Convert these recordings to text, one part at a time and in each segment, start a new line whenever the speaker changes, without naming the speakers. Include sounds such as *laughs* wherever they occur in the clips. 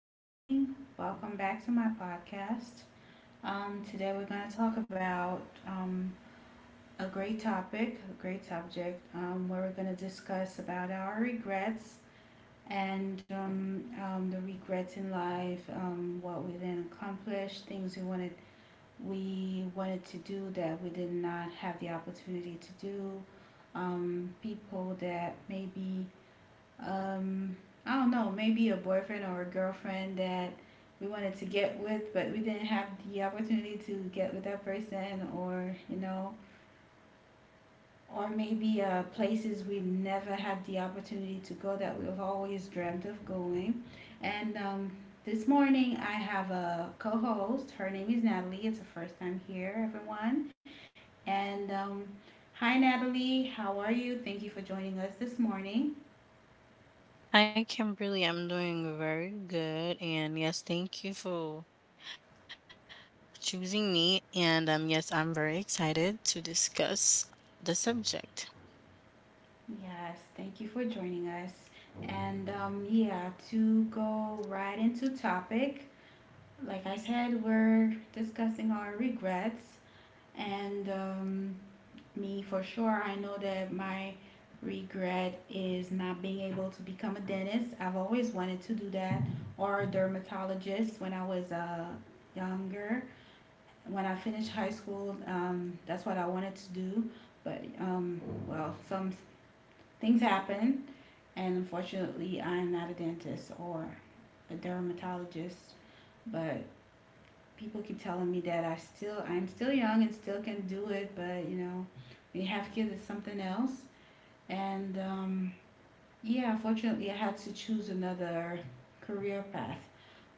good morning. Welcome back to my podcast. Today we're going to talk about um, a great topic, a great subject, where we're going to discuss about our regrets and the regrets in life, what we didn't accomplish, things we wanted to do that we did not have the opportunity to do, people that maybe um, I don't know, maybe a boyfriend or a girlfriend that we wanted to get with, but we didn't have the opportunity to get with that person, or you know, or maybe places we never had the opportunity to go that we've always dreamt of going. And This morning I have a co-host. Her name is Natalie. It's her first time here, everyone. And Hi, Natalie. How are you? Thank you for joining us this morning.
Hi, Kimberly. I'm doing very good. And yes, thank you for choosing me. And yes, I'm very excited to discuss the subject.
Yes, thank you for joining us. And Yeah, to go right into topic, like I said, we're discussing our regrets. And Me, for sure, I know that my regret is not being able to become a dentist. I've always wanted to do that, or a dermatologist when I was younger. When I finished high school, that's what I wanted to do. But some things happen and unfortunately, I'm not a dentist or a dermatologist, but people keep telling me that I'm still young and still can do it, but you know, when you have kids, it's something else. And Yeah, unfortunately, I had to choose another career path.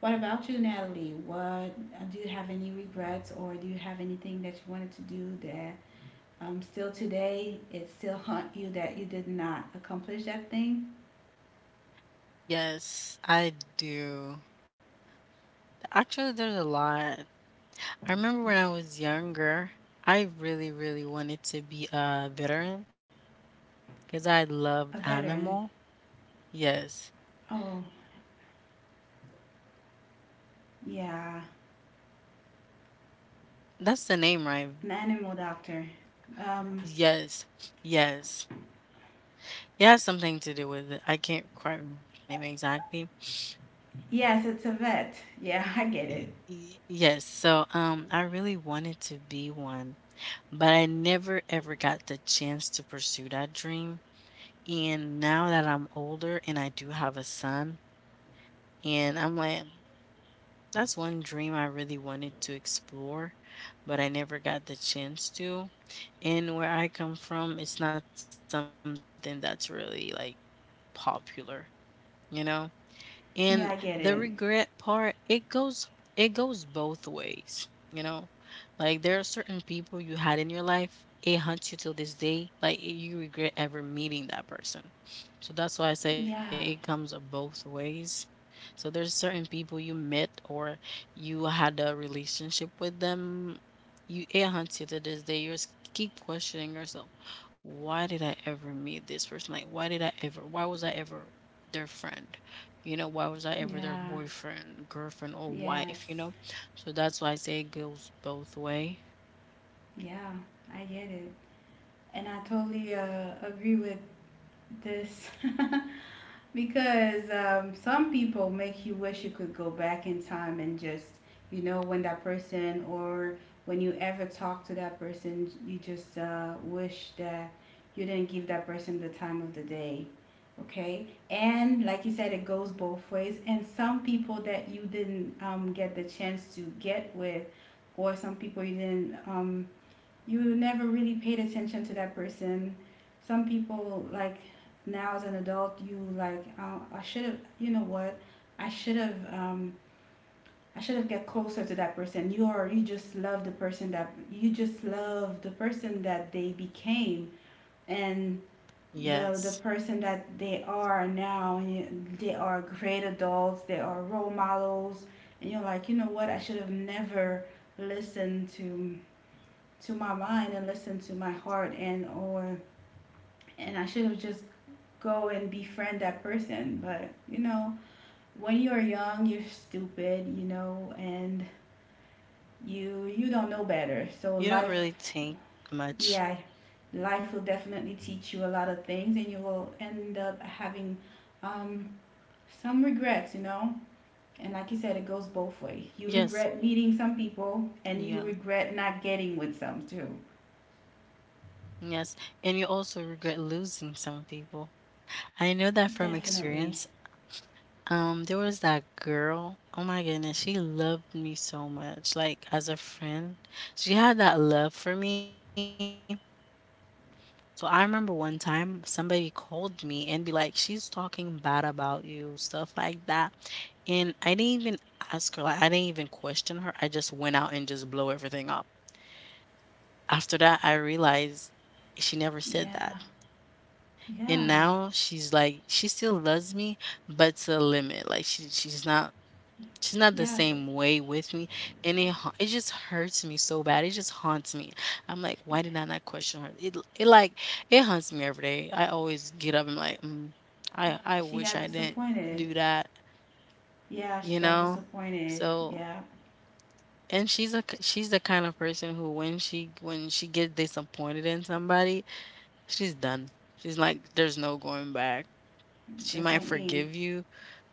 What about you, Natalie? What do you have any regrets or do you have anything that you wanted to do that still today it still haunt you that you did not accomplish that thing?
Yes, I do. Actually, there's a lot. I remember when I was younger, I really, really wanted to be a veteran because I
A
loved
veteran.
animal. Yes,
Oh, yeah,
that's the name, right?
an animal doctor. Um,
Yes, yes. It has something to do with it. I can't quite remember the name exactly.
yes, it's a vet. Yeah, *laughs* I get
Y-
it.
y- Yes, so I really wanted to be one, but I never ever got the chance to pursue that dream. And now that I'm older and I do have a son, and I'm like, that's one dream I really wanted to explore, but I never got the chance to. And where I come from, it's not something that's really like popular, you know? And the
Yeah, I get
regret
it.
part, it goes both ways, you know? Like there are certain people you had in your life, it haunts you till this day. Like you regret ever meeting that person. So that's why I say it comes
Yeah,
both ways. So there's certain people you met or you had a relationship with them. You It haunts you to this day. You just keep questioning yourself. Why did I ever meet this person? Like why was I ever their friend? You know, why was I ever their
yeah,
boyfriend, girlfriend, or wife, you
yes,
know? So that's why I say it goes both way.
yeah, I get it. And I totally agree with this. *laughs* Because some people make you wish you could go back in time and just you know when that person or when you ever talk to that person you just wish that you didn't give that person the time of the day. Okay, and like you said, it goes both ways, and some people that you didn't get the chance to get with, or some people you didn't you never really paid attention to that person. Some people like now as an adult, you like I should have. You know what? I should have. I should have get closer to that person. You just love the person that they became and the
Yes.
the person that they are now. They are great adults. They are role models. And you're like, you know what? I should have never listened to my mind and listen to my heart and or and I should have just go and befriend that person. But you know, when you're young, you're stupid, you know, and you don't know
You don't really
better. So
think
life,
much.
yeah, life will definitely teach you a lot of things, and you will end up having um, some regrets, you know. And like you said, it goes both ways.
Yes.
You regret meeting some people,
Yeah.
and you regret not getting with some too.
Yes. And you also regret losing some people. I know that from
Definitely.
experience. There was that girl. Oh my goodness, she loved me so much. Like as a friend, she had that love for me. So I remember one time somebody called me and be like, "She's talking bad about you," stuff like that. And I didn't even ask her, like I didn't even question her. I just went out and just blow everything up. After that, I realized she never said
Yeah.
that. And
Yeah.
now she's like, she still loves me, but to a limit. Like she's not the
Yeah,
same way with me, and it just hurts me so bad. It just haunts me. I'm like, why did I not question her? It haunts me every day. I always get up and like, I
she
wish I
got
didn't do
disappointed.
that,
Yeah,
you
she got
know.
disappointed.
So,
Yeah,
and she's the kind of person who when she gets disappointed in somebody, she's done. She's like, there's no going back. She
just
might
like me.
forgive you,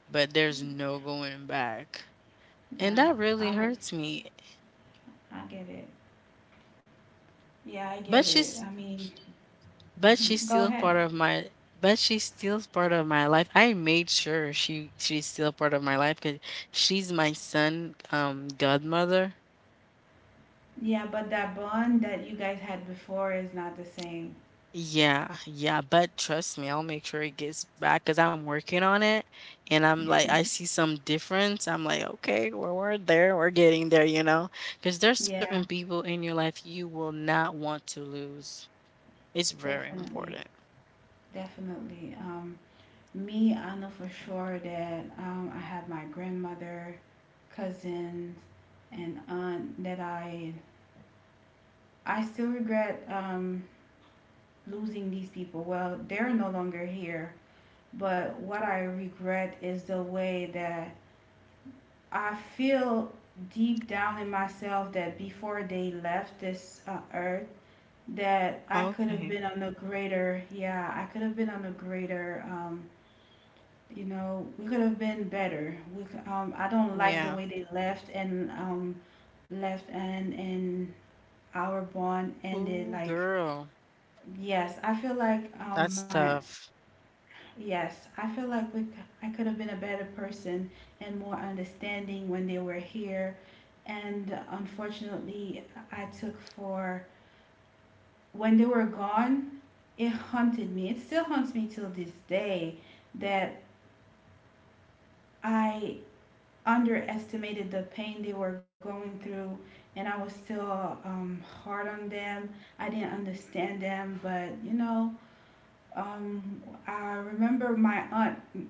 but there's no going back, and that
Yeah,
really
I w-
hurts me.
I get it. Yeah, I get
But
it.
she's
I mean,
but she's
*laughs* go
still
ahead.
part of my but she's still part of my life. I made sure she's still part of my life because she's my son godmother.
Yeah, but that bond that you guys had before is not the same.
Yeah, yeah, but trust me, I'll make sure it gets back because I'm working on it and I'm like, I see some difference. I'm like, okay, we're there, we're getting there, you know? Because there's certain
Yeah,
people in your life you will not want to lose. It's very
definitely.
important.
Definitely. Me, I know for sure that I had my grandmother, cousins, and aunt that I still regret losing these people. Well, they're no longer here, but what I regret is the way that I feel deep down in myself that before they left this earth that I could have been
Okay.
on a greater, yeah, I could have been on a greater, you know, we could have been better. I don't like the way
Yeah.
they left and left and and our bond ended.
Ooh,
Like,
girl.
yes, I feel like
That's tough.
I feel like I could have been a better person and more understanding when they were here. And unfortunately, I took for when they were gone, it haunted me. It still haunts me till this day that I underestimated the pain they were going through and I was still hard on them. I didn't understand them, but you know, um, I remember my aunt,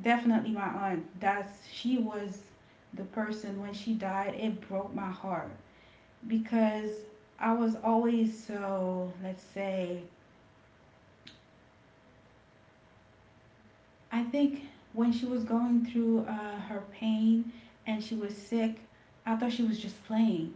definitely my aunt. That's she was the person when she died, it broke my heart because I was always so, let's say, I think when she was going through her pain and she was sick, I thought she was just playing.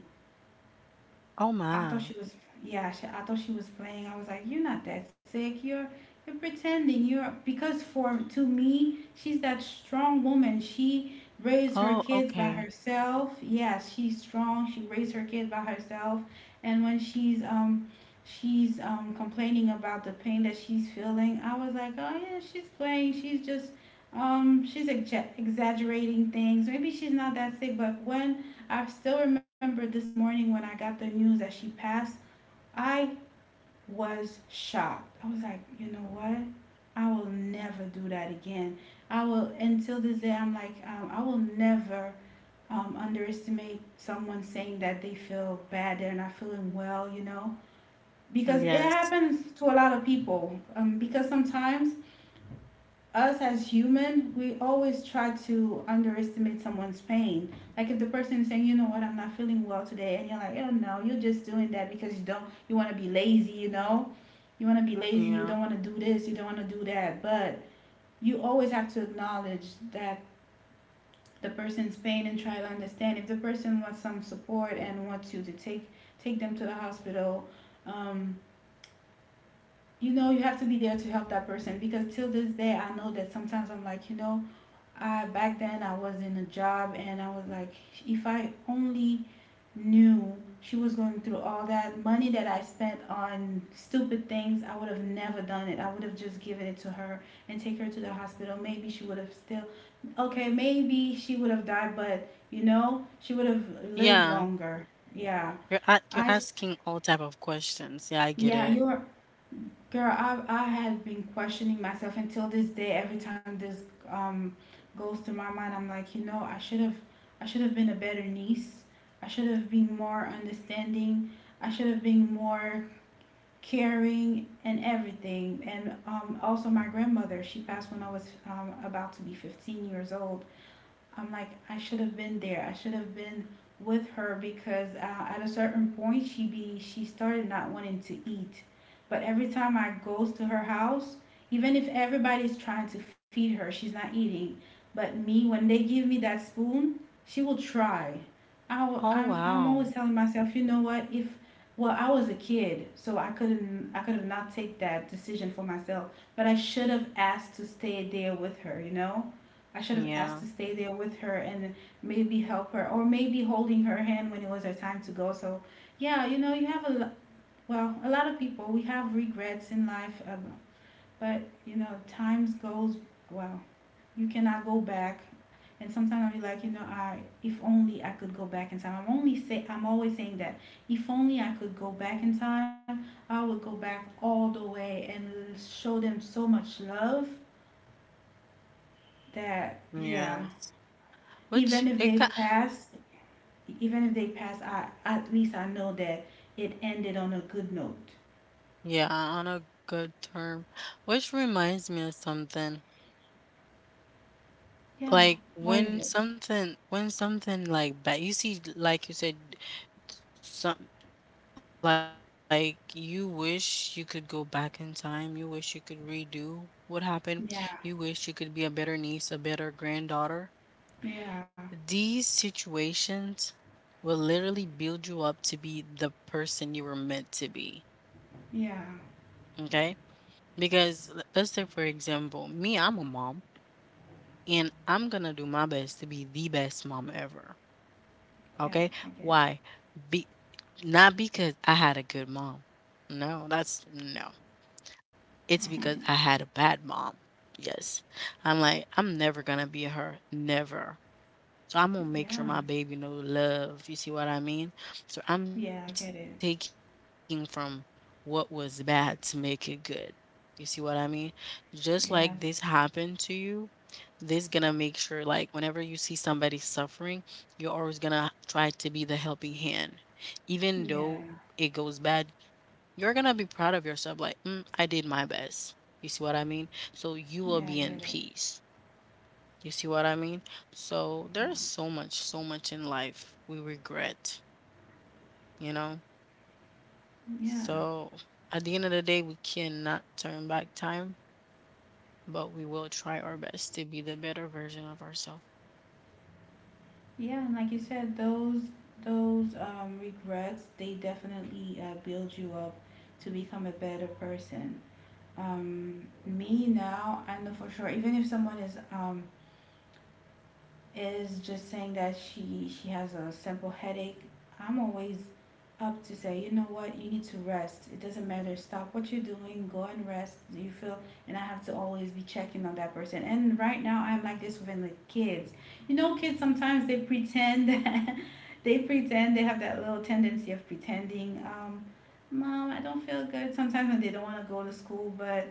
Oh
I
my.
thought she was, I thought she was playing. I was like, you're not that sick. You're pretending. You're because for to me, she's that strong woman. She raised her
Oh,
kids by
okay.
herself. Yes, she's strong. She raised her kids by herself, and when she's complaining about the pain that she's feeling, I was like, oh yeah, she's playing. She's exaggerating things. Maybe she's not that sick, but when I still remember this morning when I got the news that she passed, I was shocked. I was like, you know what? I will never do that again. I will, until this day, I'm like, I will never underestimate someone saying that they feel bad, they're not feeling well, you know? Because it
Yes.
happens to a lot of people. Because sometimes us as human, we always try to underestimate someone's pain. Like if the person is saying, you know what, I'm not feeling well today, and you're like, oh no, you're just doing that because you don't, you want to be lazy, you know, you want to be lazy, you don't want
Yeah.
to do this, you don't want to do that. But you always have to acknowledge that the person's pain and try to understand. If the person wants some support and wants you to take them to the hospital, um, you know, you have to be there to help that person because till this day, I know that sometimes I'm like, you know I back then I was in a job and I was like, if I only knew she was going through all that money that I spent on stupid things, I would have never done it. I would have just given it to her and take her to the hospital. Maybe she would have still Okay, maybe she would have died, but you know, she would have lived
Yeah.
longer. Yeah.
You're a- you're
I
asking all type of questions. Yeah, I get
yeah,
it.
you're Girl, I had been questioning myself until this day. Every time this um goes through my mind, I'm like, you know, I should have been a better niece. I should have been more understanding. I should have been more caring and everything. And also my grandmother, she passed when I was about to be 15 years old. I'm like, I should have been there. I should have been with her because at a certain point she started not wanting to eat, but every time I goes to her house, even if everybody's trying to feed her, she's not eating. But me, when they give me that spoon, she will try. I will,
Oh
I'm always
wow.
telling myself, you know what? If well, I was a kid, so I could have not take that decision for myself, but I should have asked to stay there with her, you know I should have asked to
Yeah.
stay there with her and maybe help her, or maybe holding her hand when it was her time to go. So, yeah, you know, you have a lo- well, a lot of people we have regrets in life, but you know, times goes well. You cannot go back, and sometimes I'll be like, you know, I if only I could go back in time. I'm only say I'm always saying that if only I could go back in time, I would go back all the way and show them so much love that yeah,
Yes.
even
Which
if
it
they
got,
pass even if they pass, I at least I know that it ended on a good note.
yeah, on a good term. Which reminds me of something.
Yeah.
Like
What is
when
it?
something when something like bad you see, like you said, some like you wish you could go back in time, you wish you could redo what happened, you wish you could be a better
Yeah,
niece, a better granddaughter. These
yeah,
situations will literally build you up to be the person you were meant to be.
yeah,
Okay, because let's say, for example, me, I'm a mom, and I'm gonna do my best to be the best mom ever.
yeah.
Okay,
I get it.
why be not because I had a good mom, no, that's no. It's because I had a bad mom. Yes. I'm like, "I'm never gonna be her, never. So I'm gonna make
Yeah,
sure my baby knows love." You see what I mean? So I'm
yeah, I get
taking
it.
from what was bad to make it good. You see what I mean? Just like this happened to
Yes,
you, this gonna make sure like whenever you see somebody suffering, you're always gonna try to be the helping hand. Even though it
yeah,
goes bad, you're gonna be proud of yourself, like, "Mm, I did my best." You see what I mean? So you will
yeah, I
be in
get it.
peace. You see what I mean? So
Yeah,
there's so much, so much in life we regret, you know?
yeah,
So at the end of the day, we cannot turn back time, but we will try our best to be the better version of ourselves.
yeah. And like you said, those regrets they definitely build you up to become a better person. Me now, I know for sure. Even if someone is just saying that she has a simple headache, I'm always up to say, you know what, you need to rest. It doesn't matter. Stop what you're doing. Go and rest. Do you feel? And I have to always be checking on that person. And right now, I'm like this with the kids. You know, kids sometimes they pretend *laughs* they pretend they have that little tendency of pretending. Mom, I don't feel good. Sometimes when they don't want to go to school, but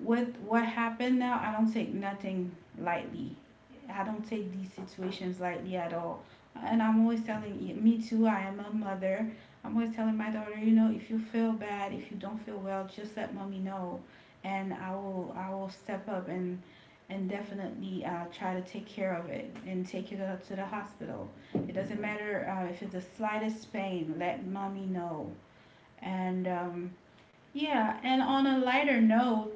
with what happened now, I don't take nothing lightly. I don't take these situations lightly at all. And I'm always telling you, me too, I am a mother. I'm always telling my daughter, you know, if you feel bad, if you don't feel well, just let mommy know and I will step up and definitely try to take care of it and take it up to the hospital. It doesn't matter if it's the slightest pain, let mommy know. And yeah, and on a lighter note,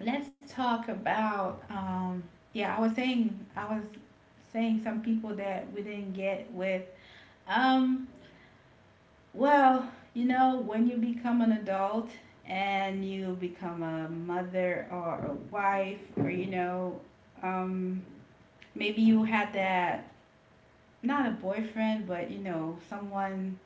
let's talk about yeah, I was saying, I was saying, some people that we didn't get with, um well, you know, when you become an adult and you become a mother or a wife, or, you know, um maybe you had that, not a boyfriend, but, you know, someone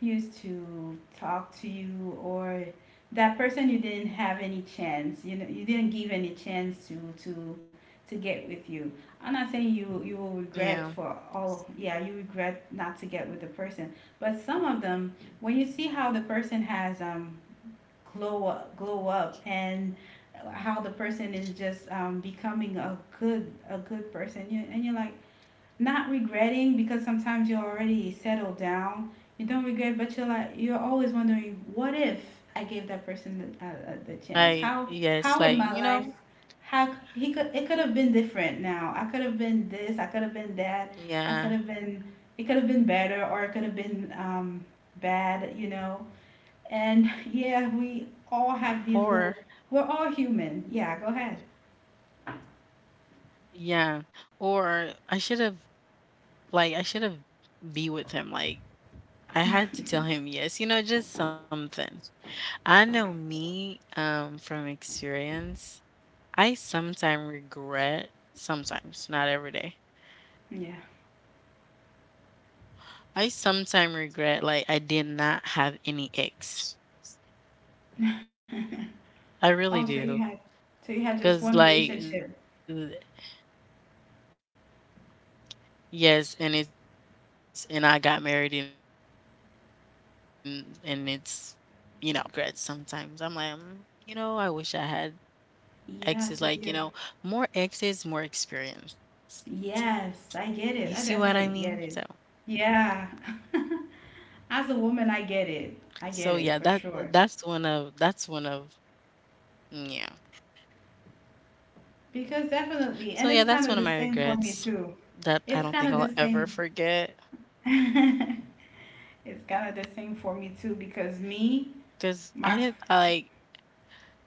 used to talk to you, or that person you didn't have any chance, you know, you didn't give any chance to to get with you. I'm not saying you will regret for
Yeah.
all. Yeah, you regret not to get with the person, but some of them, when you see how the person has glow up, glow up, and how the person is just becoming a good, a good person, you, and you're like not regretting, because sometimes you're already settled down. You don't regret, but you're like, you're always wondering, what if I gave that person the the chance?
Like,
How would my
yes,
life?
like, you know,
How c- he could it could have been different now. I could have been this. I could have been that. I
yeah.
could have been It could have been better, or it could have been bad. You know. And *laughs* yeah, we all have these little.
Or,
We're all human. Yeah, go ahead.
yeah. Or like, I should have be with him. Like, I had to tell him yes, you know, just something. I know me, from experience, I sometimes regret, sometimes, not every day.
Yeah.
I sometimes regret like I did not have any ex. I
Oh,
really
so you
do.
had, so you had just
Cause
one
like
relationship.
yes, and it's, and I got married, and it's, you know, life continues. That's one of my regrets sometimes. I'm like, "Mm, you know, I wish I had
Yeah,
X is
so
like,
you
you know, more X's, more experience." You see
Yes,
what
I
I
get it.
mean?
I
So,
definitely get it. Yeah. *laughs* As a woman, I get it. I get it
yeah,
for
that
sure.
that's one of that's one of mm, yeah.
Because definitely,
So
and
yeah,
it's kind
that's one
of
of
the
my
same for me
regrets
too.
that I
It's
don't
kind
think
of the
I'll ever
same.
forget
*laughs* It's kind of the same for me too, because me,
because I
my,
didn't, I, like.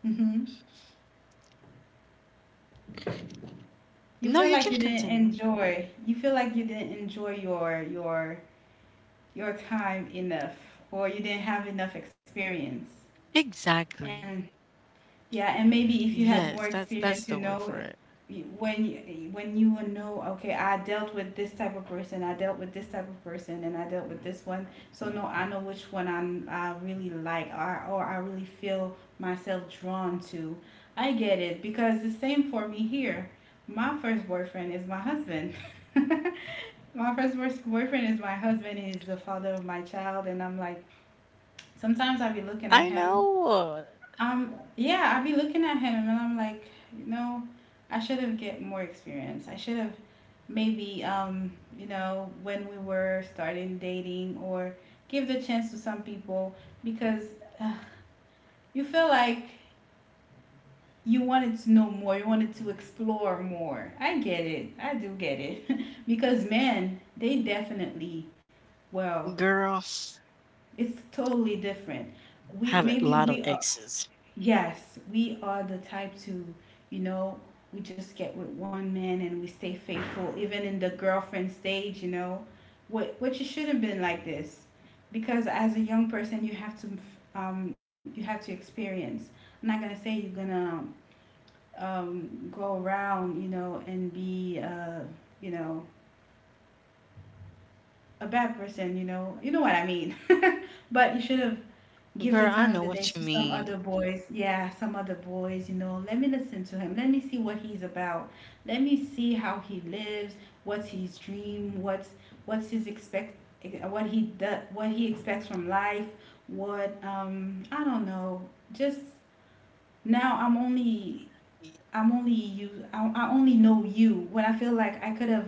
hmm you
No,
feel
you
like
can
you didn't
continue.
enjoy. You feel like you didn't enjoy your your time enough, or you didn't have enough experience.
Exactly.
And yeah, and maybe if you had more
Yes, that's
experience,
that's
you
the word
know,
for it.
when you would know, okay, I dealt with this type of person, I dealt with this type of person, and I dealt with this one. So no, I know which one I really like, or I really feel myself drawn to. I get it, because the same for me here. My first boyfriend is my husband. *laughs* My first boyfriend is my husband. He's the father of my child, and I'm like,
I
sometimes I
know,
be looking at him, yeah, I be looking at him, and I'm like, you know, I should have get more experience. I should have, maybe, you know, when we were starting dating, or give the chance to some people, because uh, you feel like you wanted to know more, you wanted to explore more. I get it. I do get it. *laughs* Because men, they definitely,
girl.
well, it's totally different.
Have a lot of
We maybe
exes,
we Yes, we are the type to, you know, we just get with one man and we stay faithful, even in the girlfriend stage, you know, what, which it should have been like this. Because as a young person, you have to experience. I'm not gonna say you're gonna, go around, you know, and be, you know, a bad person, you know what I mean. *laughs* But you should have give the
girl. I
time of
know
the day
what you
to some
mean,
other boys. Yeah, some other boys, you know. Let me listen to him. Let me see what he's about. Let me see how he lives, what's his dream, what's his expect what he does, what he expects from life, what, I don't know. Just, now I'm only you, I only know you when I feel like I could have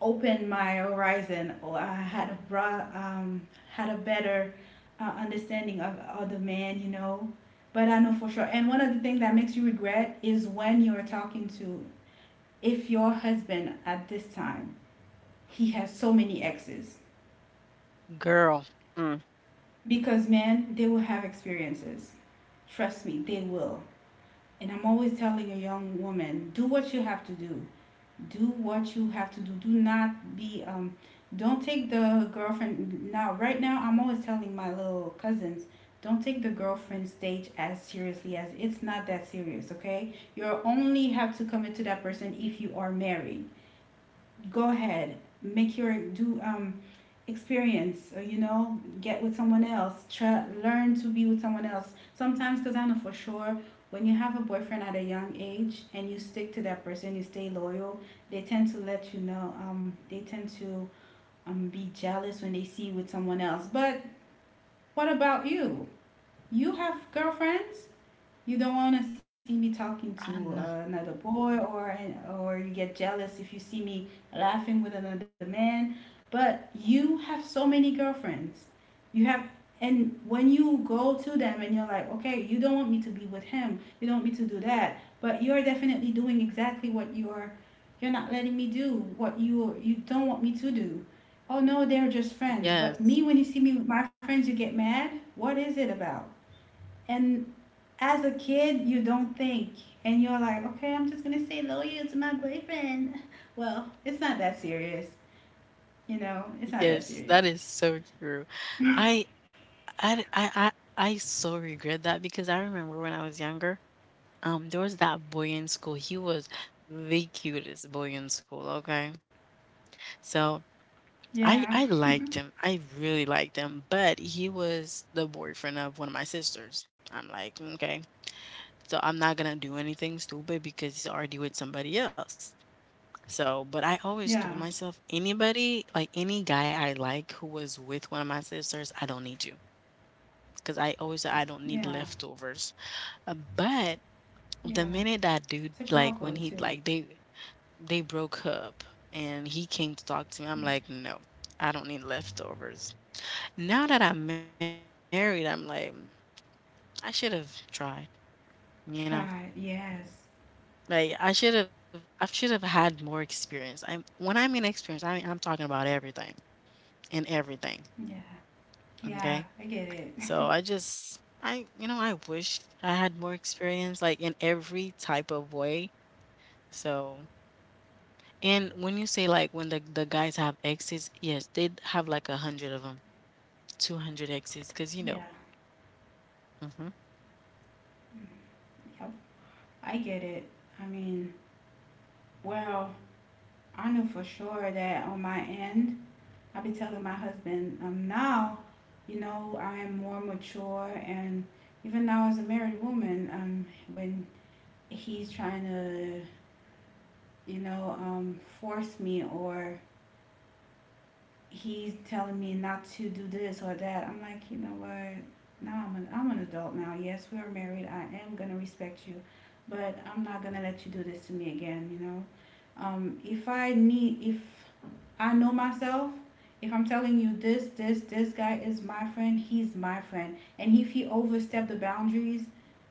opened my horizon, or I had a broad, had a better, understanding of the man, you know. But I know for sure. And one of the things that makes you regret is when you're talking to, if your husband at this time, he has so many exes.
girl. Mm.
Because men, they will have experiences. Trust me, they will. And I'm always telling a young woman, do what you have to do. Do what you have to do. Do not be, don't take the girlfriend now. Right now I'm always telling my little cousins, don't take the girlfriend stage as seriously as, it's not that serious. Okay, you only have to commit to that person if you are married. Go ahead, make your, do, experience, or, you know, get with someone else, try, learn to be with someone else sometimes, because I know for sure, when you have a boyfriend at a young age and you stick to that person, you stay loyal, they tend to let you know, they tend to, be jealous when they see you with someone else. But what about you? You have girlfriends. You don't want to see me
I
talking
know.
to another boy, or you get jealous if you see me laughing with another man. But you have so many girlfriends. You have, and when you go to them, and you're like, okay, you don't want me to be with him. You don't want me to do that. But you're definitely doing exactly what you're. You're not letting me do what you don't want me to do. Oh no, they're just friends. But
Yes.
me, when you see me with my friends, you get mad. What is it about? And as a kid, you don't think, and you're like, okay, I'm just gonna say loyal to my boyfriend. Well, it's not that serious, you know. It's not that
Yes, that
serious.
is so true. I I I I I so regret that because I remember when I was younger, there was that boy in school. He was the cutest boy in school, okay? So
Yeah,
I liked him. I really liked him, but he was the boyfriend of one of my sisters. I'm like, okay. So I'm not gonna do anything stupid because he's already with somebody else. So, but I always
yeah,
told myself, anybody, like any guy I like who was with one of my sisters, I don't need you, because I always say I don't
yeah,
need leftovers. But
yeah.
the minute that
It's a
dude,
girl code
like,
too.
when he, like, they broke up and he came to talk to me, I'm like, no, I don't need leftovers. Now that I'm married, I'm like, "Mm, I should have tried, you know."
Try, yes,
Like I should have had more experience. I'm when I mean experience, I mean I'm talking about everything and everything.
yeah, yeah.
Okay.
I get it.
So I just I you know, I wish I had more experience like in every type of way. So, and when you say like when the guys have exes, yes, they have like 100 of them, 200 exes, because you
Yeah,
know, hmm
yep, I get it. I mean, well, I know for sure that on my end, I've been telling my husband, now, you know, I am more mature, and even now as a married woman, when he's trying to, you know, force me, or he's telling me not to do this or that, I'm like, you know what? Now I'm an adult now. Yes, we are married. I am gonna respect you, but I'm not gonna let you do this to me again. You know, if I need, if I know myself, if I'm
you're
telling
cutting
you
up
this,
really
this
bad.
this guy is my friend, he's my friend, and if he overstep the boundaries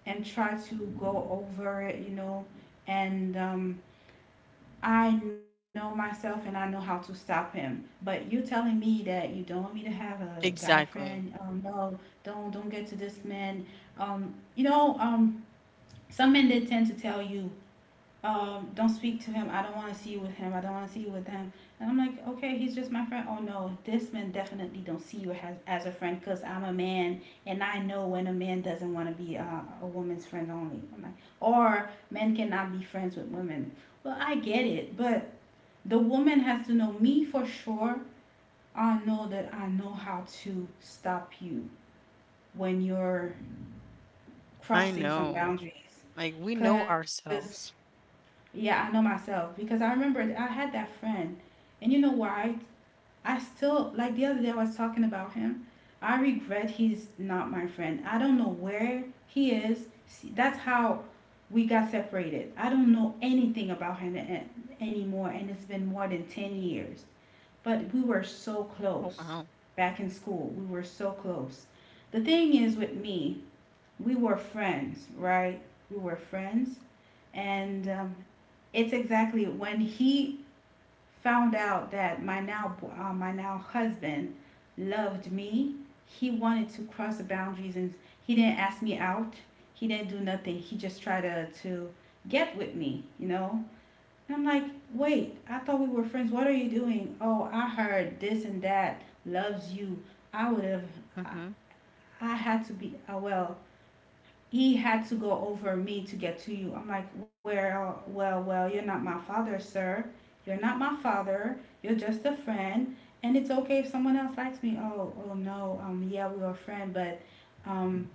and try to go over it, you know, and I know myself and I know how to stop him. But you telling me that you don't want me to have a guy friend?
Exactly.
No, don't get to this man. You know, some men they tend to tell you, don't speak to him. I don't want to see you with him. I don't want to see you with him. And I'm like, okay, he's just my friend. Oh no, this man definitely don't see you as a friend, because I'm a man and I know when a man doesn't want to be a woman's friend only. I'm like, or men cannot be friends with women. Well, I get it, but the woman has to know me for sure. I know that I know how to stop you when you're crossing some
I
boundaries.
know. Like we
Because,
know ourselves.
yeah, I know myself. Because I remember I had that friend. And you know why? I still, like the other day, I was talking about him. I regret he's not my friend. I don't know where he is. See, that's how we got separated. I don't know anything about him anymore. And it's been more than 10 years. But we were so close back in school.
Oh
We were
wow.
so close. The thing is with me, we were friends, right? We were friends. And it's exactly when he found out that my now my now husband loved me, he wanted to cross the boundaries, and he didn't ask me out. He didn't do nothing. He just tried to get with me, you know? And I'm like, wait, I thought we were friends. What are you doing? Oh, I heard this and that
hmm
loves you. I would have, I, I had to be, well, he had to go over me to get to you. I'm like, well, well, well, you're not my father, sir. You're not my father. You're just a friend. And it's okay if someone else likes me. Oh, oh no. Yeah, we were a friend, but um,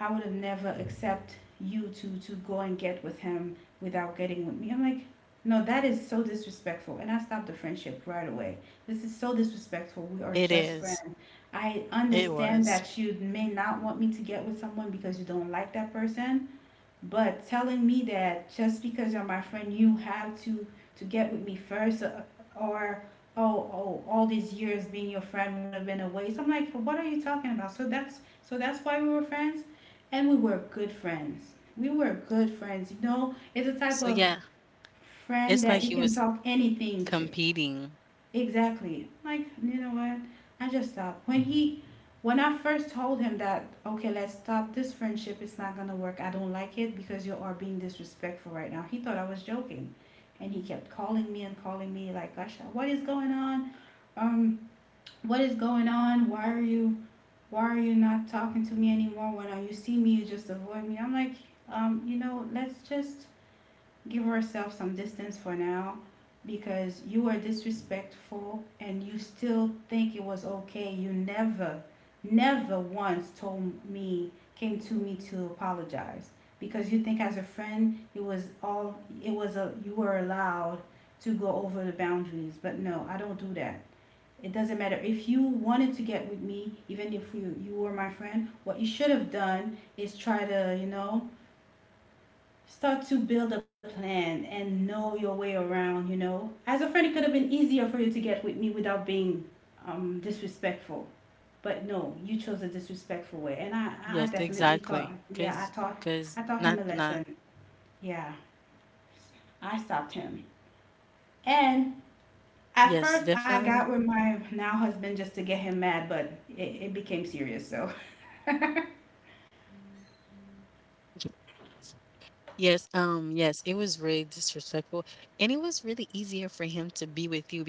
I would have never accept you to go and get with him without getting with me. I'm like, no, that is so disrespectful. And I stopped the friendship right away. This is so
It
disrespectful.
is.
We are just friends.
It
I
was.
understand that you may not want me to get with someone because you don't like that person, but telling me that just because you're my friend, you have to get with me first, or oh, all these years being your friend would have been a waste. I'm like, what are you talking about? So that's why we were friends, and we were good friends. We were good friends. You know, it's a type
So
of
yeah,
friend
it's like
that you
he
can
was
talk anything
competing.
to. Exactly. Like, you know what? I just stopped. When I first told him that, okay, let's stop this friendship, it's not gonna work. I don't like it because you are being disrespectful right now. He thought I was joking. And he kept calling me and calling me like, gosh, what is going on? Um, what is going on? Why are you not talking to me anymore? When you see me you just avoid me? I'm like, you know, let's just give yourself some distance for now because you were disrespectful and you still think it was okay. You never, never once told me, came to me to apologize because you think as a friend it was all it was a you were allowed to go over the boundaries. But no, I don't do that. It doesn't matter if you wanted to get with me. Even if you were my friend, what you should have done is try to, you know, start to build a plan and know your way around, you know, as a friend it could have been easier for you to get with me without being disrespectful. But no, you chose a disrespectful way. And I
Yes,
definitely thought,
exactly.
yeah, i
Cause,
taught i
cause
taught him
not,
a lesson.
not.
Yeah, I stopped him. And at
Yes,
first I got
definitely.
with my now husband just to get him mad, but it became serious. So
*laughs* Yes, yes, it was really disrespectful. And it was really easier for him to be with you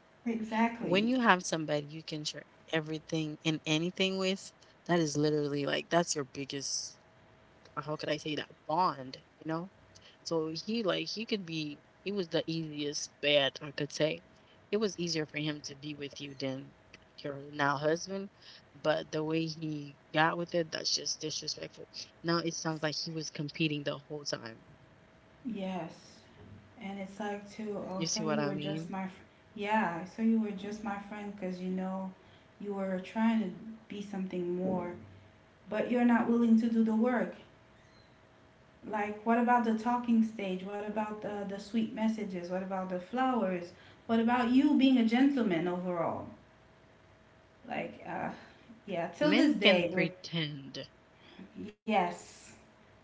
*laughs* exactly.
when you have somebody you can share everything and anything with, that is literally like that's your biggest, how could I say that, bond, you know? So he, like, he could be he was the easiest bet I could say. It was easier for him to be with you than your now husband, but the way he got with it, that's just disrespectful. Now it sounds like he was competing the whole time.
Yes. And it's like too, oh, so
You see
you were
what I
just
mean?
yeah, so you were just my friend because you know you were trying to be something more, but you're not willing to do the work. Like, what about the talking stage? What about the sweet messages? What about the flowers? What about you being a gentleman overall? Like, yeah, till this day,
Men can pretend.
yes.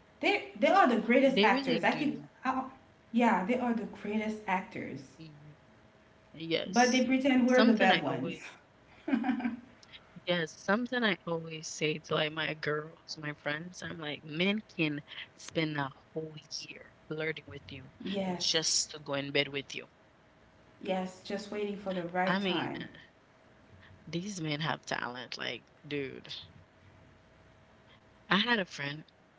They are the greatest actors.
They really
I,
do.
yeah, they are the greatest actors.
Mm,
But they pretend we're
yes.
the bad ones.
Something I always yes, something I always say to like my girls, my friends, I'm like, men can spend a whole year flirting with
Yes,
you just to go in bed with you.
yes, just waiting for the right time.
I mean, these men have talent. Like, dude, I had a friend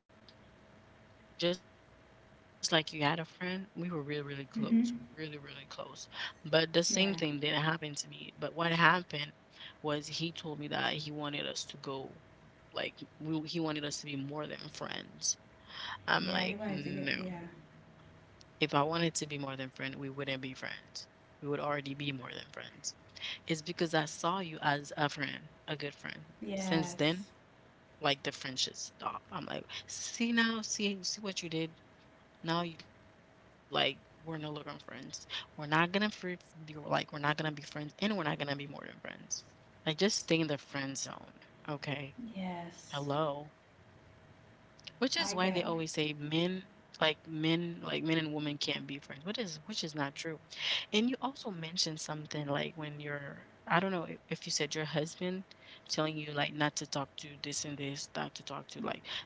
just like you had a friend, we were really, really close, really, really close. But the
Mm-hmm.
same thing didn't happen to me. But what
Yeah,
happened was he told me that he wanted us to go, like he wanted us to be more than friends. I'm like, no.
yeah, he wanted to get,
If I
yeah,
wanted to be more than friend, we wouldn't be friends. We would already be more than friends. It's because I saw you as a friend, a good friend. Since then, like the
yes,
friendship stopped. I'm like, see now, see what you did. Now you like we're no longer friends. We're not gonna be like we're not gonna be friends, and we're not gonna be more than friends. Like just stay in the friend zone, okay? Hello,
yes.
which is why they always say men
I got,
like men and women can't be friends. What is which is not true. And you also mentioned something like when you're — I don't know if you said your husband telling you like not to talk to this and this, not to talk to like no.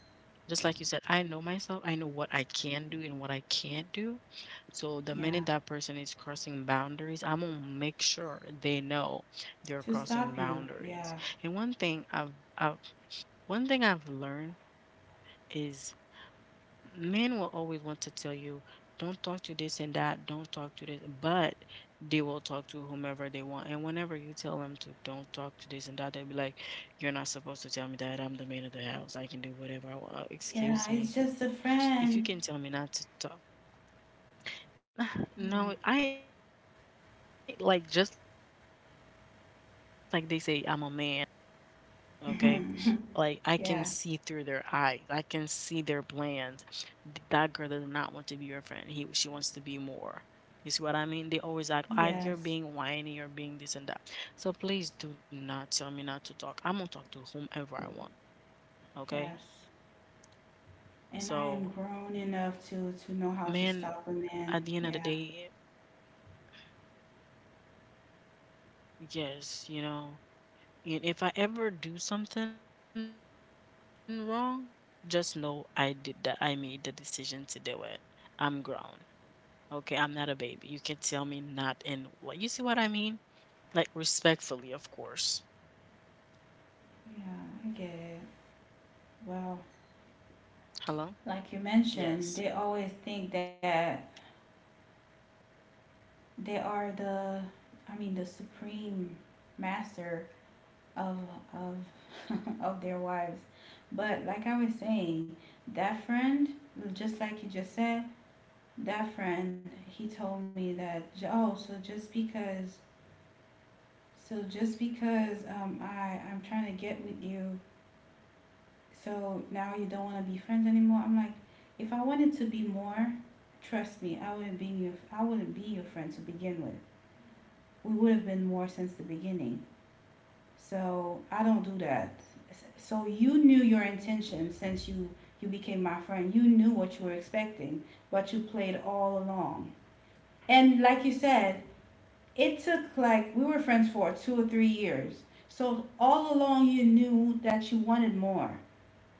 Just like you said, I know myself. I know what I can do and what I can't do. So the minute
yeah,
that person is crossing boundaries, I'm gonna make sure they know they're
to
crossing
stop you,
boundaries.
yeah,
And one thing I've I've learned is men will always want to tell you, don't talk to this and that, don't talk to this, but they will talk to whomever they want. And whenever you tell them to don't talk to this and that, they'll be like, you're not supposed to tell me that. I'm the man of the house. I can do whatever I want. Excuse
yeah,
me.
it's just a
If you can
friend.
tell me not to talk. *sighs* *laughs* No, I like just like they say, I'm a man. I know what a man's thinking. I'm a woman. I know how, what a woman's thinking. Okay.
Yeah,
Like I can
*laughs* yeah,
see through their eyes. I can see their plans. That girl does not want to be your friend. He She wants to be more. You see what I mean? They always act like you're
yes,
being whiny, you're being this and that. So please do not tell me not to talk. I'm gonna talk to whomever I want. Okay.
yes.
So
And I am grown enough
man,
to know how to stop
at
a
the end of the
man.
day.
Yeah,
Yes, you know, and if I ever do something wrong, just know I did that. I made the decision to do it. I'm grown. Okay, I'm not a baby. You can tell me not in what — you see what I mean? Like respectfully, of course.
yeah, I get it. Well,
Hello?
like you
Yes.
mentioned, they always think that they are the, I mean, the supreme master of of *laughs* of their wives. But like I was saying, that friend, just like you just said, that friend, he told me that, oh, so just because I'm trying to get with you, so now you don't want to be friends anymore. I'm like, if I wanted to be more, trust me, I wouldn't be your, I wouldn't be your friend to begin with. We would have been more since the beginning. So I don't do that. So you knew your intention since you became my friend. You knew what you were expecting, but you played all along. And like you said, it took, like, we were friends for 2 or 3 years. So all along you knew that you wanted more,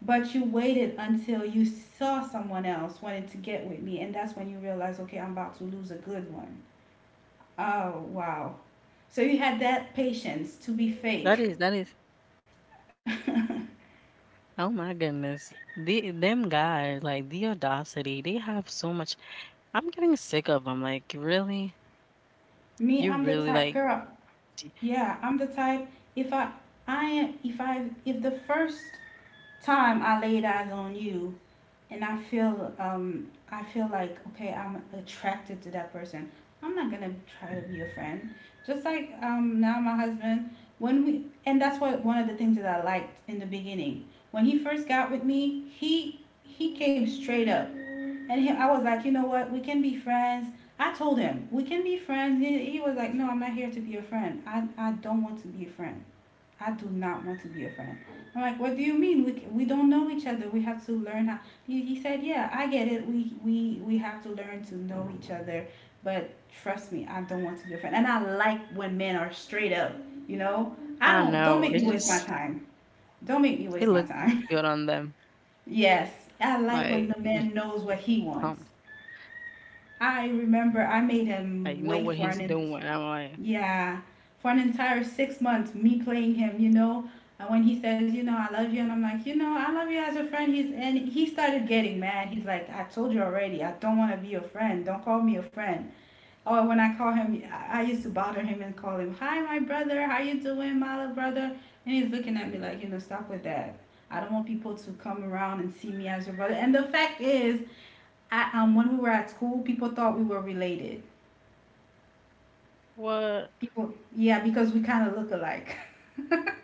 but you waited until you saw someone else wanted to get with me, and that's when you realized, okay, I'm about to lose a good one. Oh wow! So you had that patience to
That
be
is that
fake.
is
*laughs*
oh my goodness. The them guys, like the audacity, they have so much. I'm getting sick of them. Like, really?
Me, I'm
You
the
really
type
like.
girl.
D-
Yeah, I'm the type. If I, I am. If I, if the first time I laid eyes on you, and I feel like, okay, I'm attracted to that person. I'm not gonna try to be a friend. Just like now my husband, when we and that's what one of the things that I liked in the beginning. When he first got with me, he came straight up and I was like, you know what? We can be friends. I told him we can be friends. He was like, no, I'm not here to be a friend. I don't want to be a friend. I do not want to be a friend. I'm like, what do you mean? We don't know each other. We have to learn how. He said, yeah, I get it. We have to learn to know each other. But trust me, I don't want to be a friend. And I like when men are straight up. You know, I
I
don't make me
know.
waste
It
my
just
time. Don't make me waste my
it
time.
looks good on them.
*laughs* yes, I like when
Like,
the man knows
*laughs*
what
um,
he wants. I remember I made
like know what
him
he's
wait for
doing.
an
I'm
en-
like,
yeah, for an entire 6 months me playing him, you know. And when he says, you know, I love you, and I'm like, you know, I love you as a friend. He started getting mad. He's like, I told you already, I don't want to be your friend. Don't call me a friend. Or when I call him, I used to bother him and call him, hi, my brother, how you doing, my little brother? And he's looking at me like, you know, stop with that. I don't want people to come around and see me as your brother. And the fact is, when we were at school, people thought we were related.
what?
People, yeah, because we kind of look alike. *laughs*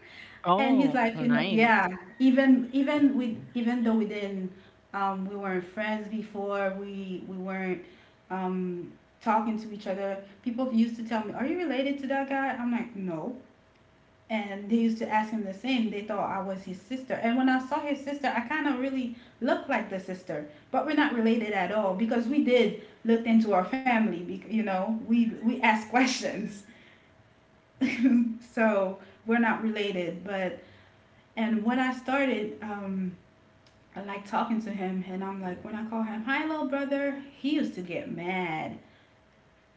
And he's
Oh,
like, you know,
nice.
yeah, even though we didn't, we weren't friends before, we weren't um, talking to each other. People used to tell me, "Are you related to that guy?" I'm like, "No." And they used to ask him the same. They thought I was his sister. And when I saw his sister, I kind of really looked like the sister, but we're not related at all because we did look into our family. You know, we asked questions, *laughs* so we're not related. But and when I started, I like talking to him, and I'm like, when I call him, "Hi, little brother,"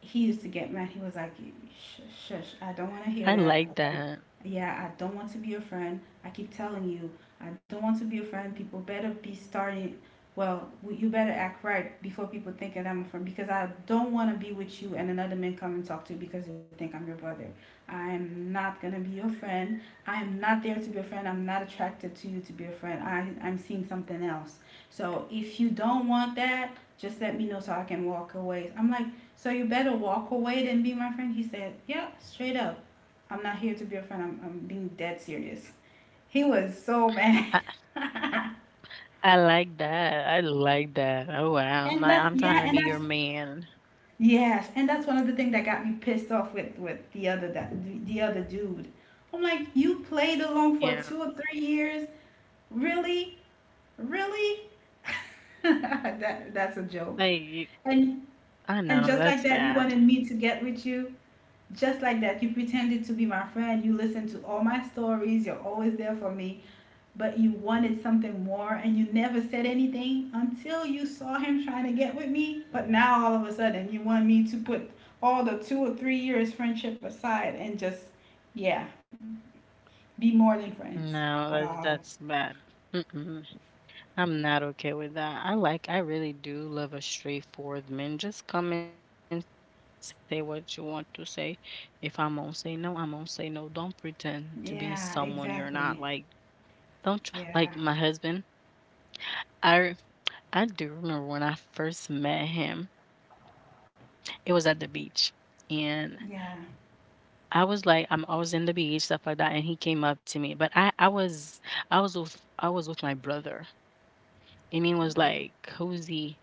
he used to get mad. He was like, shush, shush,
I
I don't want
like
to hear
that.
that. I don't, yeah, I don't want to be your friend. I keep telling you, I don't want to be your friend. People better be starting. Well, you better act right before people think that I'm a friend, because I don't want to be with you and another man come and talk to you because they think I'm your brother. I'm not gonna be your friend. I'm not there to be a friend. I'm not attracted to you to be a friend. I'm seeing something else. So if you don't want that, just let me know so I can walk away. I'm like, so you better walk away than be my friend. He said, yeah, straight up. I'm not here to be a friend. I'm being dead serious. He was so mad. *laughs*
I, I like that. Oh wow. Like I'm
Yeah,
trying to
and
be your
that's,
man.
yes. And that's one of the things that got me pissed off with, the other dude. I'm like, you played along
Yeah.
for 2 or 3 years? Really? Really? *laughs* That's a joke.
Like you —
And,
I
and
know
just like
that's
that, you wanted
bad.
me to get with you? Just like that, you pretended to be my friend, you listened to all my stories, you're always there for me, but you wanted something more and you never said anything until you saw him trying to get with me. But now all of a sudden, you want me to put all the 2 or 3 years friendship aside and just, yeah, be more than friends.
No, that's
Wow.
that's bad. Mm-mm. I'm not okay with that. I like, I really do love a straightforward man. Just come and say what you want to say. If I'm gonna say no, I'm gonna say no. Don't pretend to be
Yeah,
someone you're not.
exactly.
Like don't tr- like,
Yeah.
my husband, I do remember when I first met him, it was at the beach, and
Yeah.
I was like, I'm always in the beach, stuff like that, and he came up to me, but I was with my brother, and he was
Okay.
like, "Who's he?"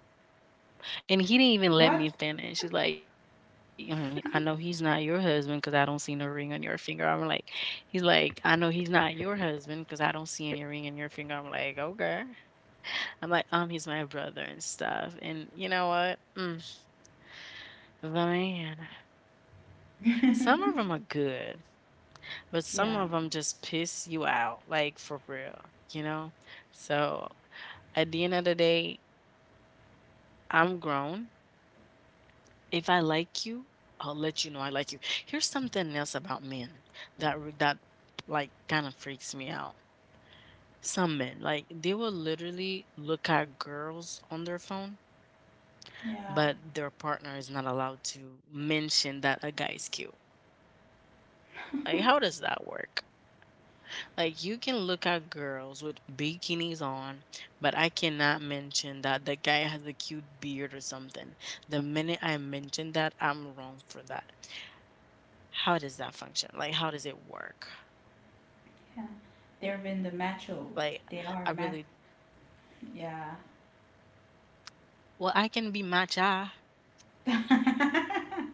And he didn't even
What?
let me finish, he's like, "Mm, I know he's not your husband because I don't see no ring on your finger." I'm like, he's like, "I know he's not your husband because I don't see any ring in your finger." I'm like, "Okay." I'm like, he's my brother and stuff. And you know what? Mm, the man,
*laughs* Yeah.
some of them are good, but some
Yeah.
of them just piss you out, like for real, you know? So at the end of the day, I'm grown. If I like you, I'll let you know I like you. Here's something else about men that like kind of freaks me out. Some men, like they will literally look at girls on their phone,
Yeah.
but their partner is not allowed to mention that a guy is cute. Like, how does that work? Like, you can look at girls with bikinis on, but I cannot mention that the guy has a cute beard or something. The minute I mention that, I'm wrong for that. How does that function? Like, how does it work?
They're in the macho.
Like,
They are
I
macho.
really —
Yeah.
well, I can be matcha.
*laughs* I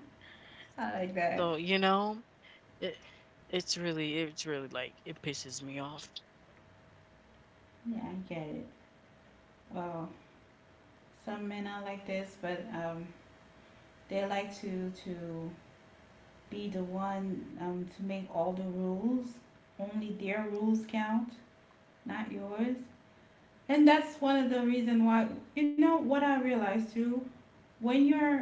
like that.
So, you know, it, it's really like, it pisses me off.
Yeah, I get it. Well, some men are like this, but they like to be the one, to make all the rules. Only their rules count, not yours. And that's one of the reason why, you know what I realized too. When you're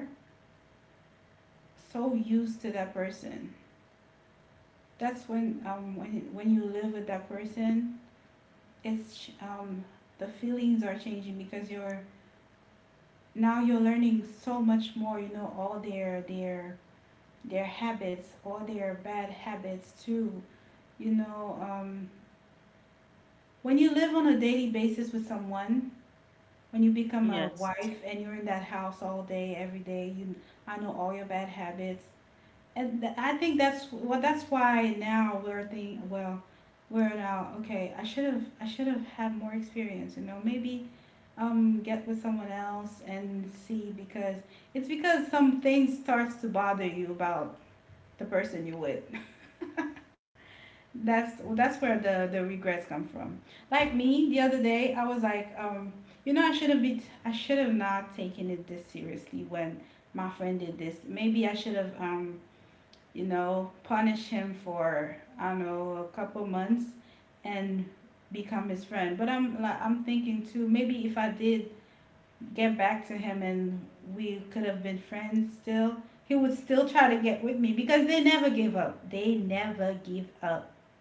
so used to that person, that's when, when you live with that person, it's, the feelings are changing because you're, now you're learning so much more, you know, all their their habits, all their bad habits too, you know, when you live on a daily basis with someone, when you become a wife
Yes.
and you're in that house all day every day, you. I know all your bad habits. And I think that's, well, that's why now we're thinking, well, we're now okay, I should have had more experience, you know, maybe, get with someone else and see, because it's because some things starts to bother you about the person you with. *laughs* That's where the regrets come from. Like me, the other day I was like, you know, I should have been, I should have not taken it this seriously when my friend did this. Maybe I should have, you know, punished him for, I don't know, a couple months, and become his friend. But I'm like, I'm thinking too, maybe if I did get back to him, and we could have been friends still, he would still try to get with me because they never give up. They never give up.
Yes.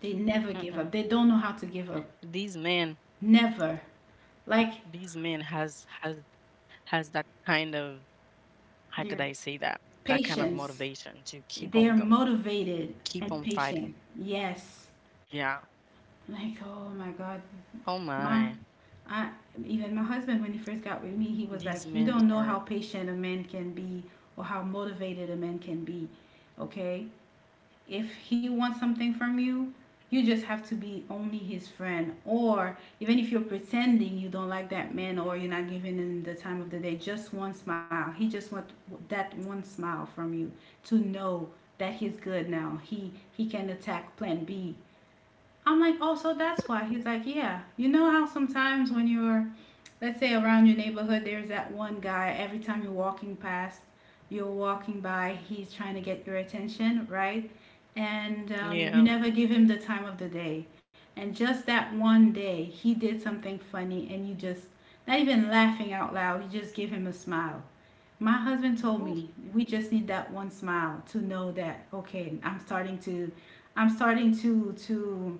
They never give up. They don't know how to give
These
up.
men,
Never.
these
Like,
men has that kind of — how could
their
I say that — that kind of
patience.
motivation to keep
They are
on go,
motivated and
keep on
patient.
fighting,
Yes.
yeah.
Like, oh my God.
Oh
My
my,
I Even my husband, when he first got with me, he was like, "You
these
don't know
men
how
are
patient a man can be or how motivated a man can be. Okay? If he wants something from you, you just have to be only his friend. Or even if you're pretending you don't like that man or you're not giving him the time of the day, just one smile. He just want that one smile from you to know that he's good now. He can attack plan B." I'm like, oh, so that's why. He's like, yeah. You know how sometimes, when you're let's say, around your neighborhood, there's that one guy, every time you're walking past, you're walking by, he's trying to get your attention, right? And, you never give him
yeah.
the time of the day. And just that one day, he did something funny, and you just, not even laughing out loud, you just give him a smile. My husband told me, we just
Woo,
need that one smile to know that, okay, I'm starting to,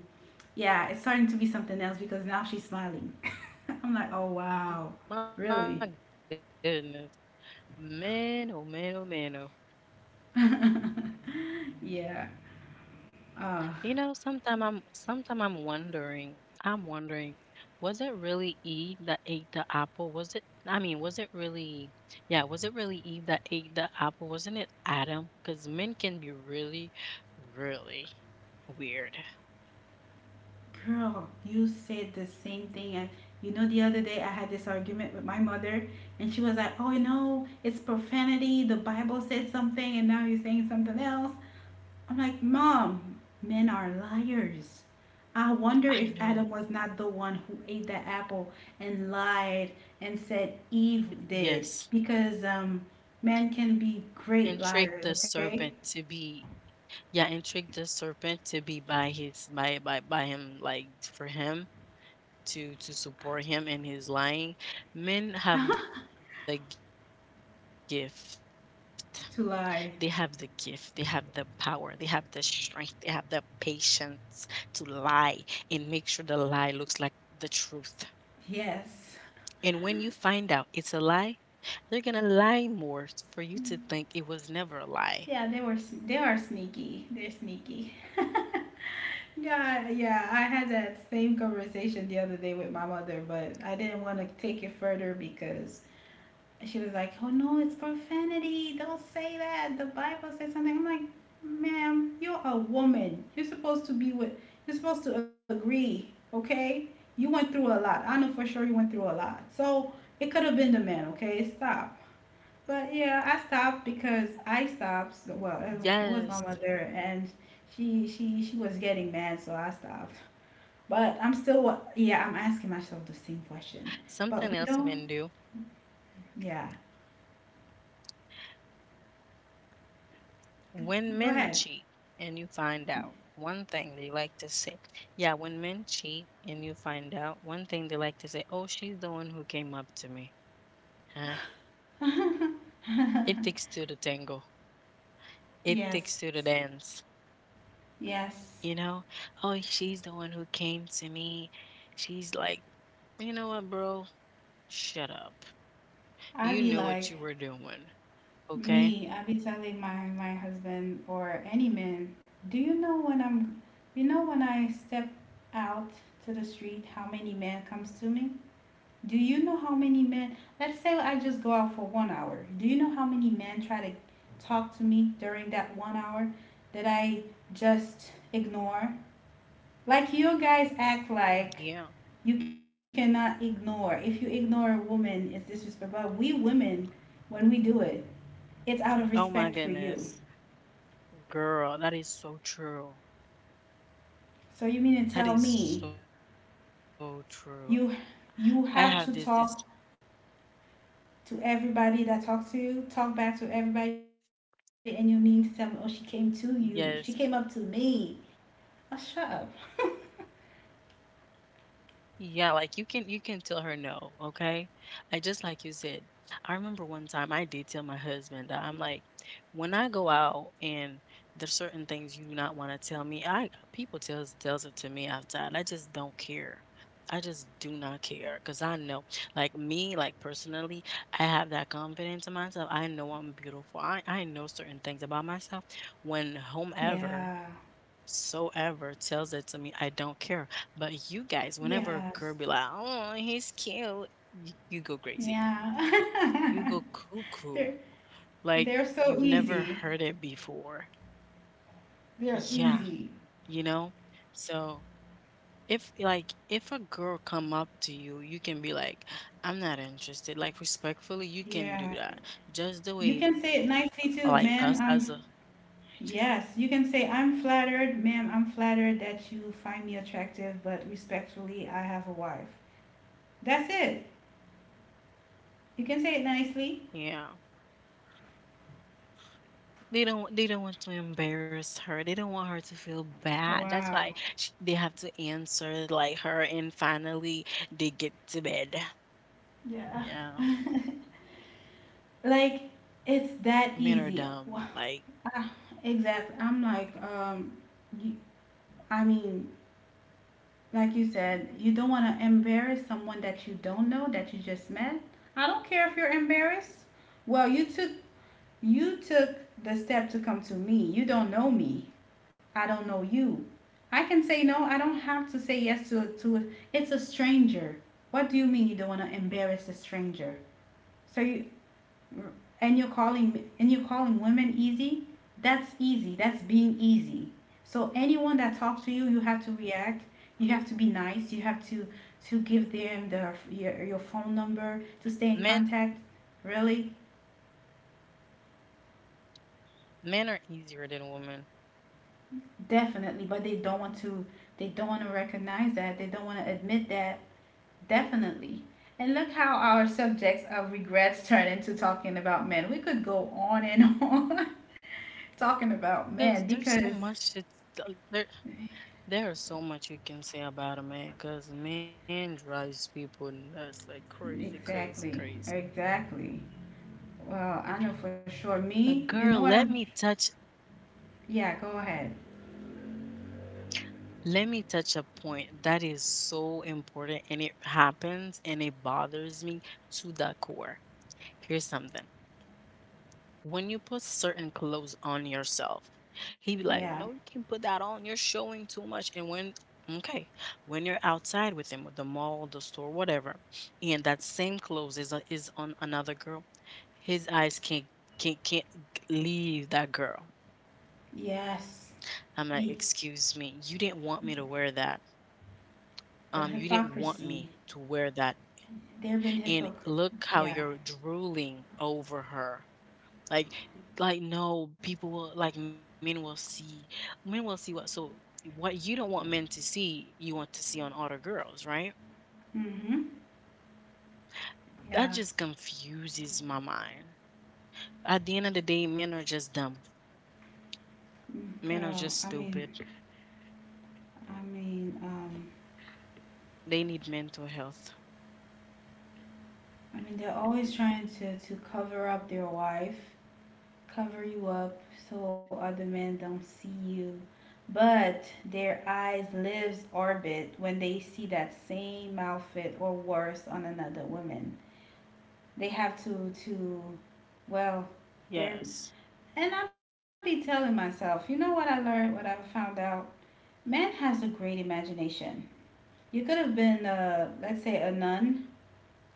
yeah, it's starting to be something else because now she's smiling. I'm like, oh wow,
my
really?
goodness, man oh man oh man oh.
*laughs* Yeah.
You know,
Uh,
sometime I'm wondering, was it really Eve that ate the apple? Was it I mean, was it really Yeah, was it really Eve that ate the apple? Wasn't it Adam? Because men can be really, really weird.
Girl, you said the same thing. And you know, the other day I had this argument with my mother, and she was like, oh, you know, it's profanity. The Bible said something, and now you're saying something else. I'm like, mom, men are liars. I wonder if
I
Adam was
know.
not the one who ate that apple and lied and said Eve did,
Yes.
because, men can be great
And tricked
liars,
the
okay?
serpent to be — yeah, and trick the serpent to be by his by him like for him to support him in his lying. Men have the gift. They have the gift. They have the
To
power. They have
lie.
the strength. They have the patience to lie and make sure the lie looks like the truth. And when you find out it's a
Yes.
lie, they're gonna lie more for you to think it was never a lie.
Yeah, they are sneaky. They're sneaky. *laughs* God, yeah, I had that same conversation the other day with my mother, but I didn't want to take it further because she was like, "Oh no, it's profanity. Don't say that. The Bible says something." I'm like, "Ma'am, you're a woman. You're supposed to be with. You're supposed to agree, okay? You went through a lot. I know for sure you went through a lot. So it could have been the man, okay? Stop." But yeah, I stopped because I stopped. Well,
Yes,
it was my mother, and she was getting mad, so I stopped. But I'm still, yeah, I'm asking myself the
something
same
else men
question.
do.
But we don't, yeah.
When men cheat
Go
and you
ahead.
find out, one thing they like to say — yeah, when men cheat and you find out, one thing they like to say, oh, she's the one who came up to me. Huh?
*laughs*
It takes two to tango. It takes two to
Yes,
dance. You
yes.
know? Oh, she's the one who came to me. She's like, you know what, bro? Shut up. You
I
knew
be
what you were
like,
doing. Okay?
me. I be telling my husband or any man. Do you know when I'm, you know when I step out to the street, how many men comes to me? Do you know how many men? Let's say I just go out for 1 hour. Do you know how many men try to talk to me during that 1 hour that I just ignore? Like, you guys act like
Yeah.
you cannot ignore. If you ignore a woman, it's disrespectful. But we women, when we do it, it's out of
Oh my
respect for you.
goodness. Girl, that is so true.
So you
That
mean
is
to tell
so
me
true. I have
you
this
you have to talk to everybody that talks to you, talk back to everybody, and you need to tell me, oh, she came to you. She came up
yes.
to me. Oh, shut up.
Yeah, like you can tell her no, okay? I just like you said. I remember one time I did tell my husband that. I'm like, when I go out and there's certain things you do not want to tell me, I — people tells it to me outside. I just don't care. I just do not care because I know, like me, like personally, I have that confidence in myself. I know I'm beautiful. I know certain things about myself. When whomever
Yeah.
soever tells it to me, I don't care. But you guys, whenever a
Yes.
girl be like, "Oh, he's cute," you go crazy.
Yeah.
You go
*laughs* they're,
cuckoo, like you've
they're so
never heard it
easy.
before.
They're
Yeah,
easy.
you know. So if like if a girl come up to you, you can be like, "I'm not interested." Like respectfully, you can do
Yeah.
that. Just the
You
way,
can say it nicely
like
too,
us
ma'am.
as a —
I'm, yes. You can say, I'm flattered, ma'am. I'm flattered that you find me attractive, but respectfully, I have a wife. That's it. You can say it nicely.
yeah. They don't want to embarrass her. They don't want her to feel bad. That's why
Wow.
sh- they have to answer like her, and finally they get to bed.
Yeah.
Yeah.
*laughs* Like, it's that
Men are
easy.
dumb. Like
Ah, exactly. I'm like, you, I mean, like you said, you don't want to embarrass someone that you don't know, that you just met. I don't care if you're embarrassed. Well, you took the step to come to me. You don't know me, I don't know you. I can say no. I don't have to say yes to, it's a stranger. What do you mean you don't want to embarrass a stranger? So you, and you're calling women easy. That's easy. That's being easy. So anyone that talks to you, you have to react, you have to be nice, you have to, give them their your phone number to stay in
men
contact. Really?
men are easier than women.
Definitely, but they don't want to, recognize that, they don't want to admit that. Definitely. And look how our subjects of regrets turn into talking about men. We could go on and on *laughs* talking about men,
Because there's so
because.
much that there there is so much you can say about a man, because man drives people nuts like crazy, crazy, crazy.
Exactly. Exactly. Well, I know for sure.
A
Me,
girl,
you know
let
what
me
I'm.
touch —
Yeah, go ahead.
let me touch a point that is so important and it happens and it bothers me to the core. Here's something. When you put certain clothes on yourself, he be like, no, you can
Yeah.
not put that on. You're showing too much. And when okay, when you're outside with him, with the mall, the store, whatever, and that same clothes is on another girl, his eyes can't leave that girl.
Yes.
I'm like,
The
excuse me, you didn't want me to wear that.
the
You didn't want me
hypocrisy.
to wear that.
There have been
And
hypocrites.
look how
Yeah.
you're drooling over her. Like, like no, people will like men will see what so what you don't want men to see, you want to see on other girls, right?
Mm-hmm.
That
Yeah.
just confuses my mind. At the end of the day, men are just dumb. Men are just
Girl,
stupid.
I mean,
They need
um,
mental health.
I mean, they're always trying to, cover up their wife. Cover you up so other men don't see you. But their eyes lives orbit when they see that same outfit or worse on another woman. They have to, well,
Yes.
they're, and I be telling myself, you know what I learned, what I found out? Man has a great imagination. You could have been, let's say, a nun,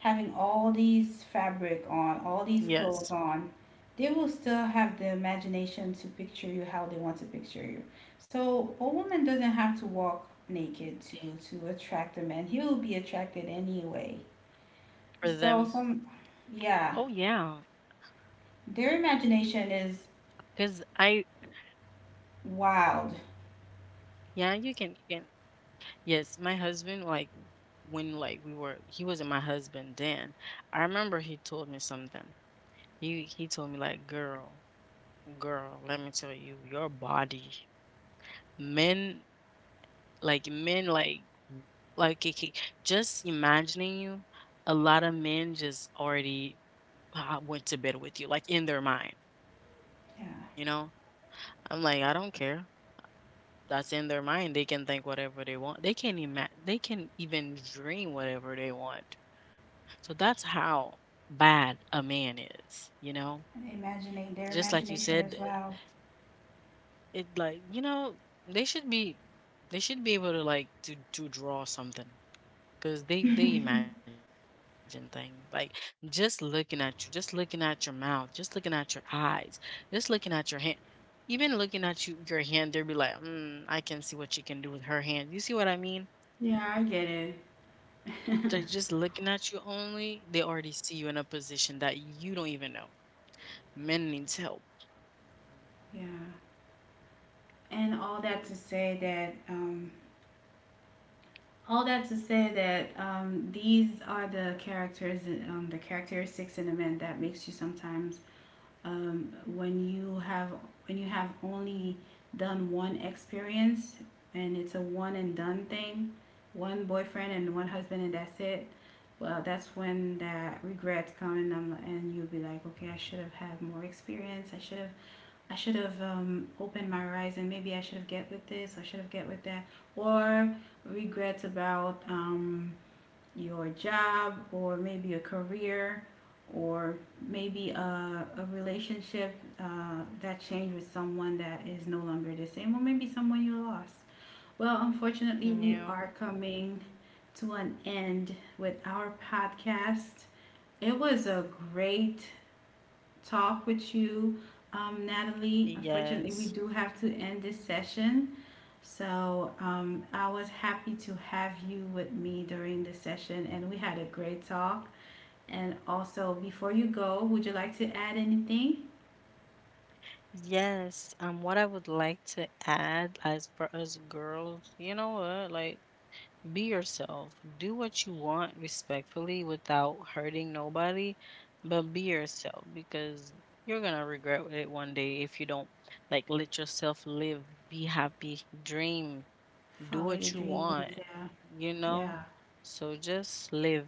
having all these fabric on, all
Yes.
these clothes on, they will still have the imagination to picture you how they want to picture you. So a woman doesn't have to walk
Y-.
naked to, attract a man. He will be attracted anyway.
For them.
So some, yeah,
Oh yeah.
their imagination is
Cause I —
wild.
yeah, you can you can. Yes, my husband, like when like we were — he wasn't my husband then. I remember he told me something. He told me like, girl, girl, let me tell you, your body, men like like it, ca- just imagining you, a lot of men just already went to bed with you, like in their mind,
Yeah,
you know? I'm like, I don't care. That's in their mind. They can think whatever they want. They can ima- they can even dream whatever they want. So that's how bad a man is, you know?
imagining their
Just like you
imagination
said,
is wild.
it like, you know, they should be able to like to draw something because they imagine things like just looking at you, just looking at your mouth, just looking at your eyes, just looking at your hand, even looking at you — your hand — they'll be like, mm, I can see what she can do with her hand. You see what I mean?
Yeah, I get it. *laughs*
Ju- just looking at you only, they already see you in a position that you don't even know. Men needs help,
Yeah. And all that to say that All that to say that, these are the characters, the characteristics in a man that makes you sometimes, when you have, only done one experience, and it's a one and done thing, one boyfriend and one husband and that's it. Well, that's when that regrets come and, I'm, and you'll be like, okay, I should have had more experience. I should have, opened my horizon. Maybe I should have get with this. I should have get with that. Or regrets about, your job, or maybe a career, or maybe a relationship, that changed with someone that is no longer the same, or maybe someone you lost. Well, unfortunately,
you
we are
know.
coming to an end with our podcast. It was a great talk with you, Natalie. Unfortunately, we do
Yes.
have to end this session. So, I was happy to have you with me during the session, and we had a great talk. And also, before you go, would you like to add anything?
Yes. What I would like to add as for us girls, you know what? Like, be yourself. Do what you want respectfully without hurting nobody, but be yourself because you're gonna regret it one day if you don't. Like let yourself live, be happy, dream, do
Follow
what
your
you
dreams.
want,
Yeah,
you
yeah,
know? So just live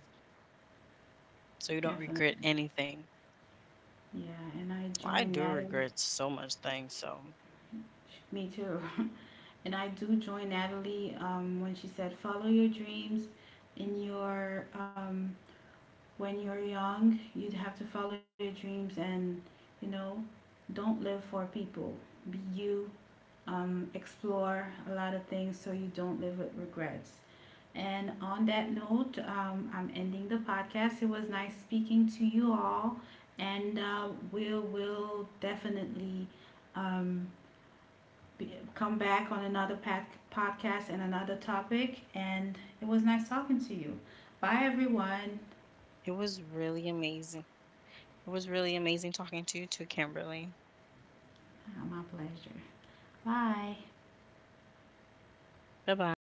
so you don't regret
definitely.
anything.
Yeah, and I
I do
joined
regret
Natalie.
so much things, so.
Me too. *laughs* And I do join Natalie, when she said, "Follow your dreams in your, when you're young, you have to follow your dreams, and, you know, don't live for people. Be you, explore a lot of things so you don't live with regrets." And on that note, I'm ending the podcast. It was nice speaking to you all, and, we will definitely, um, be, come back on another path podcast and another topic. And it was nice talking to you. Bye,
It
everyone.
was really amazing. It was really amazing talking to you too, Kimberly.
My pleasure. Bye.
Bye bye.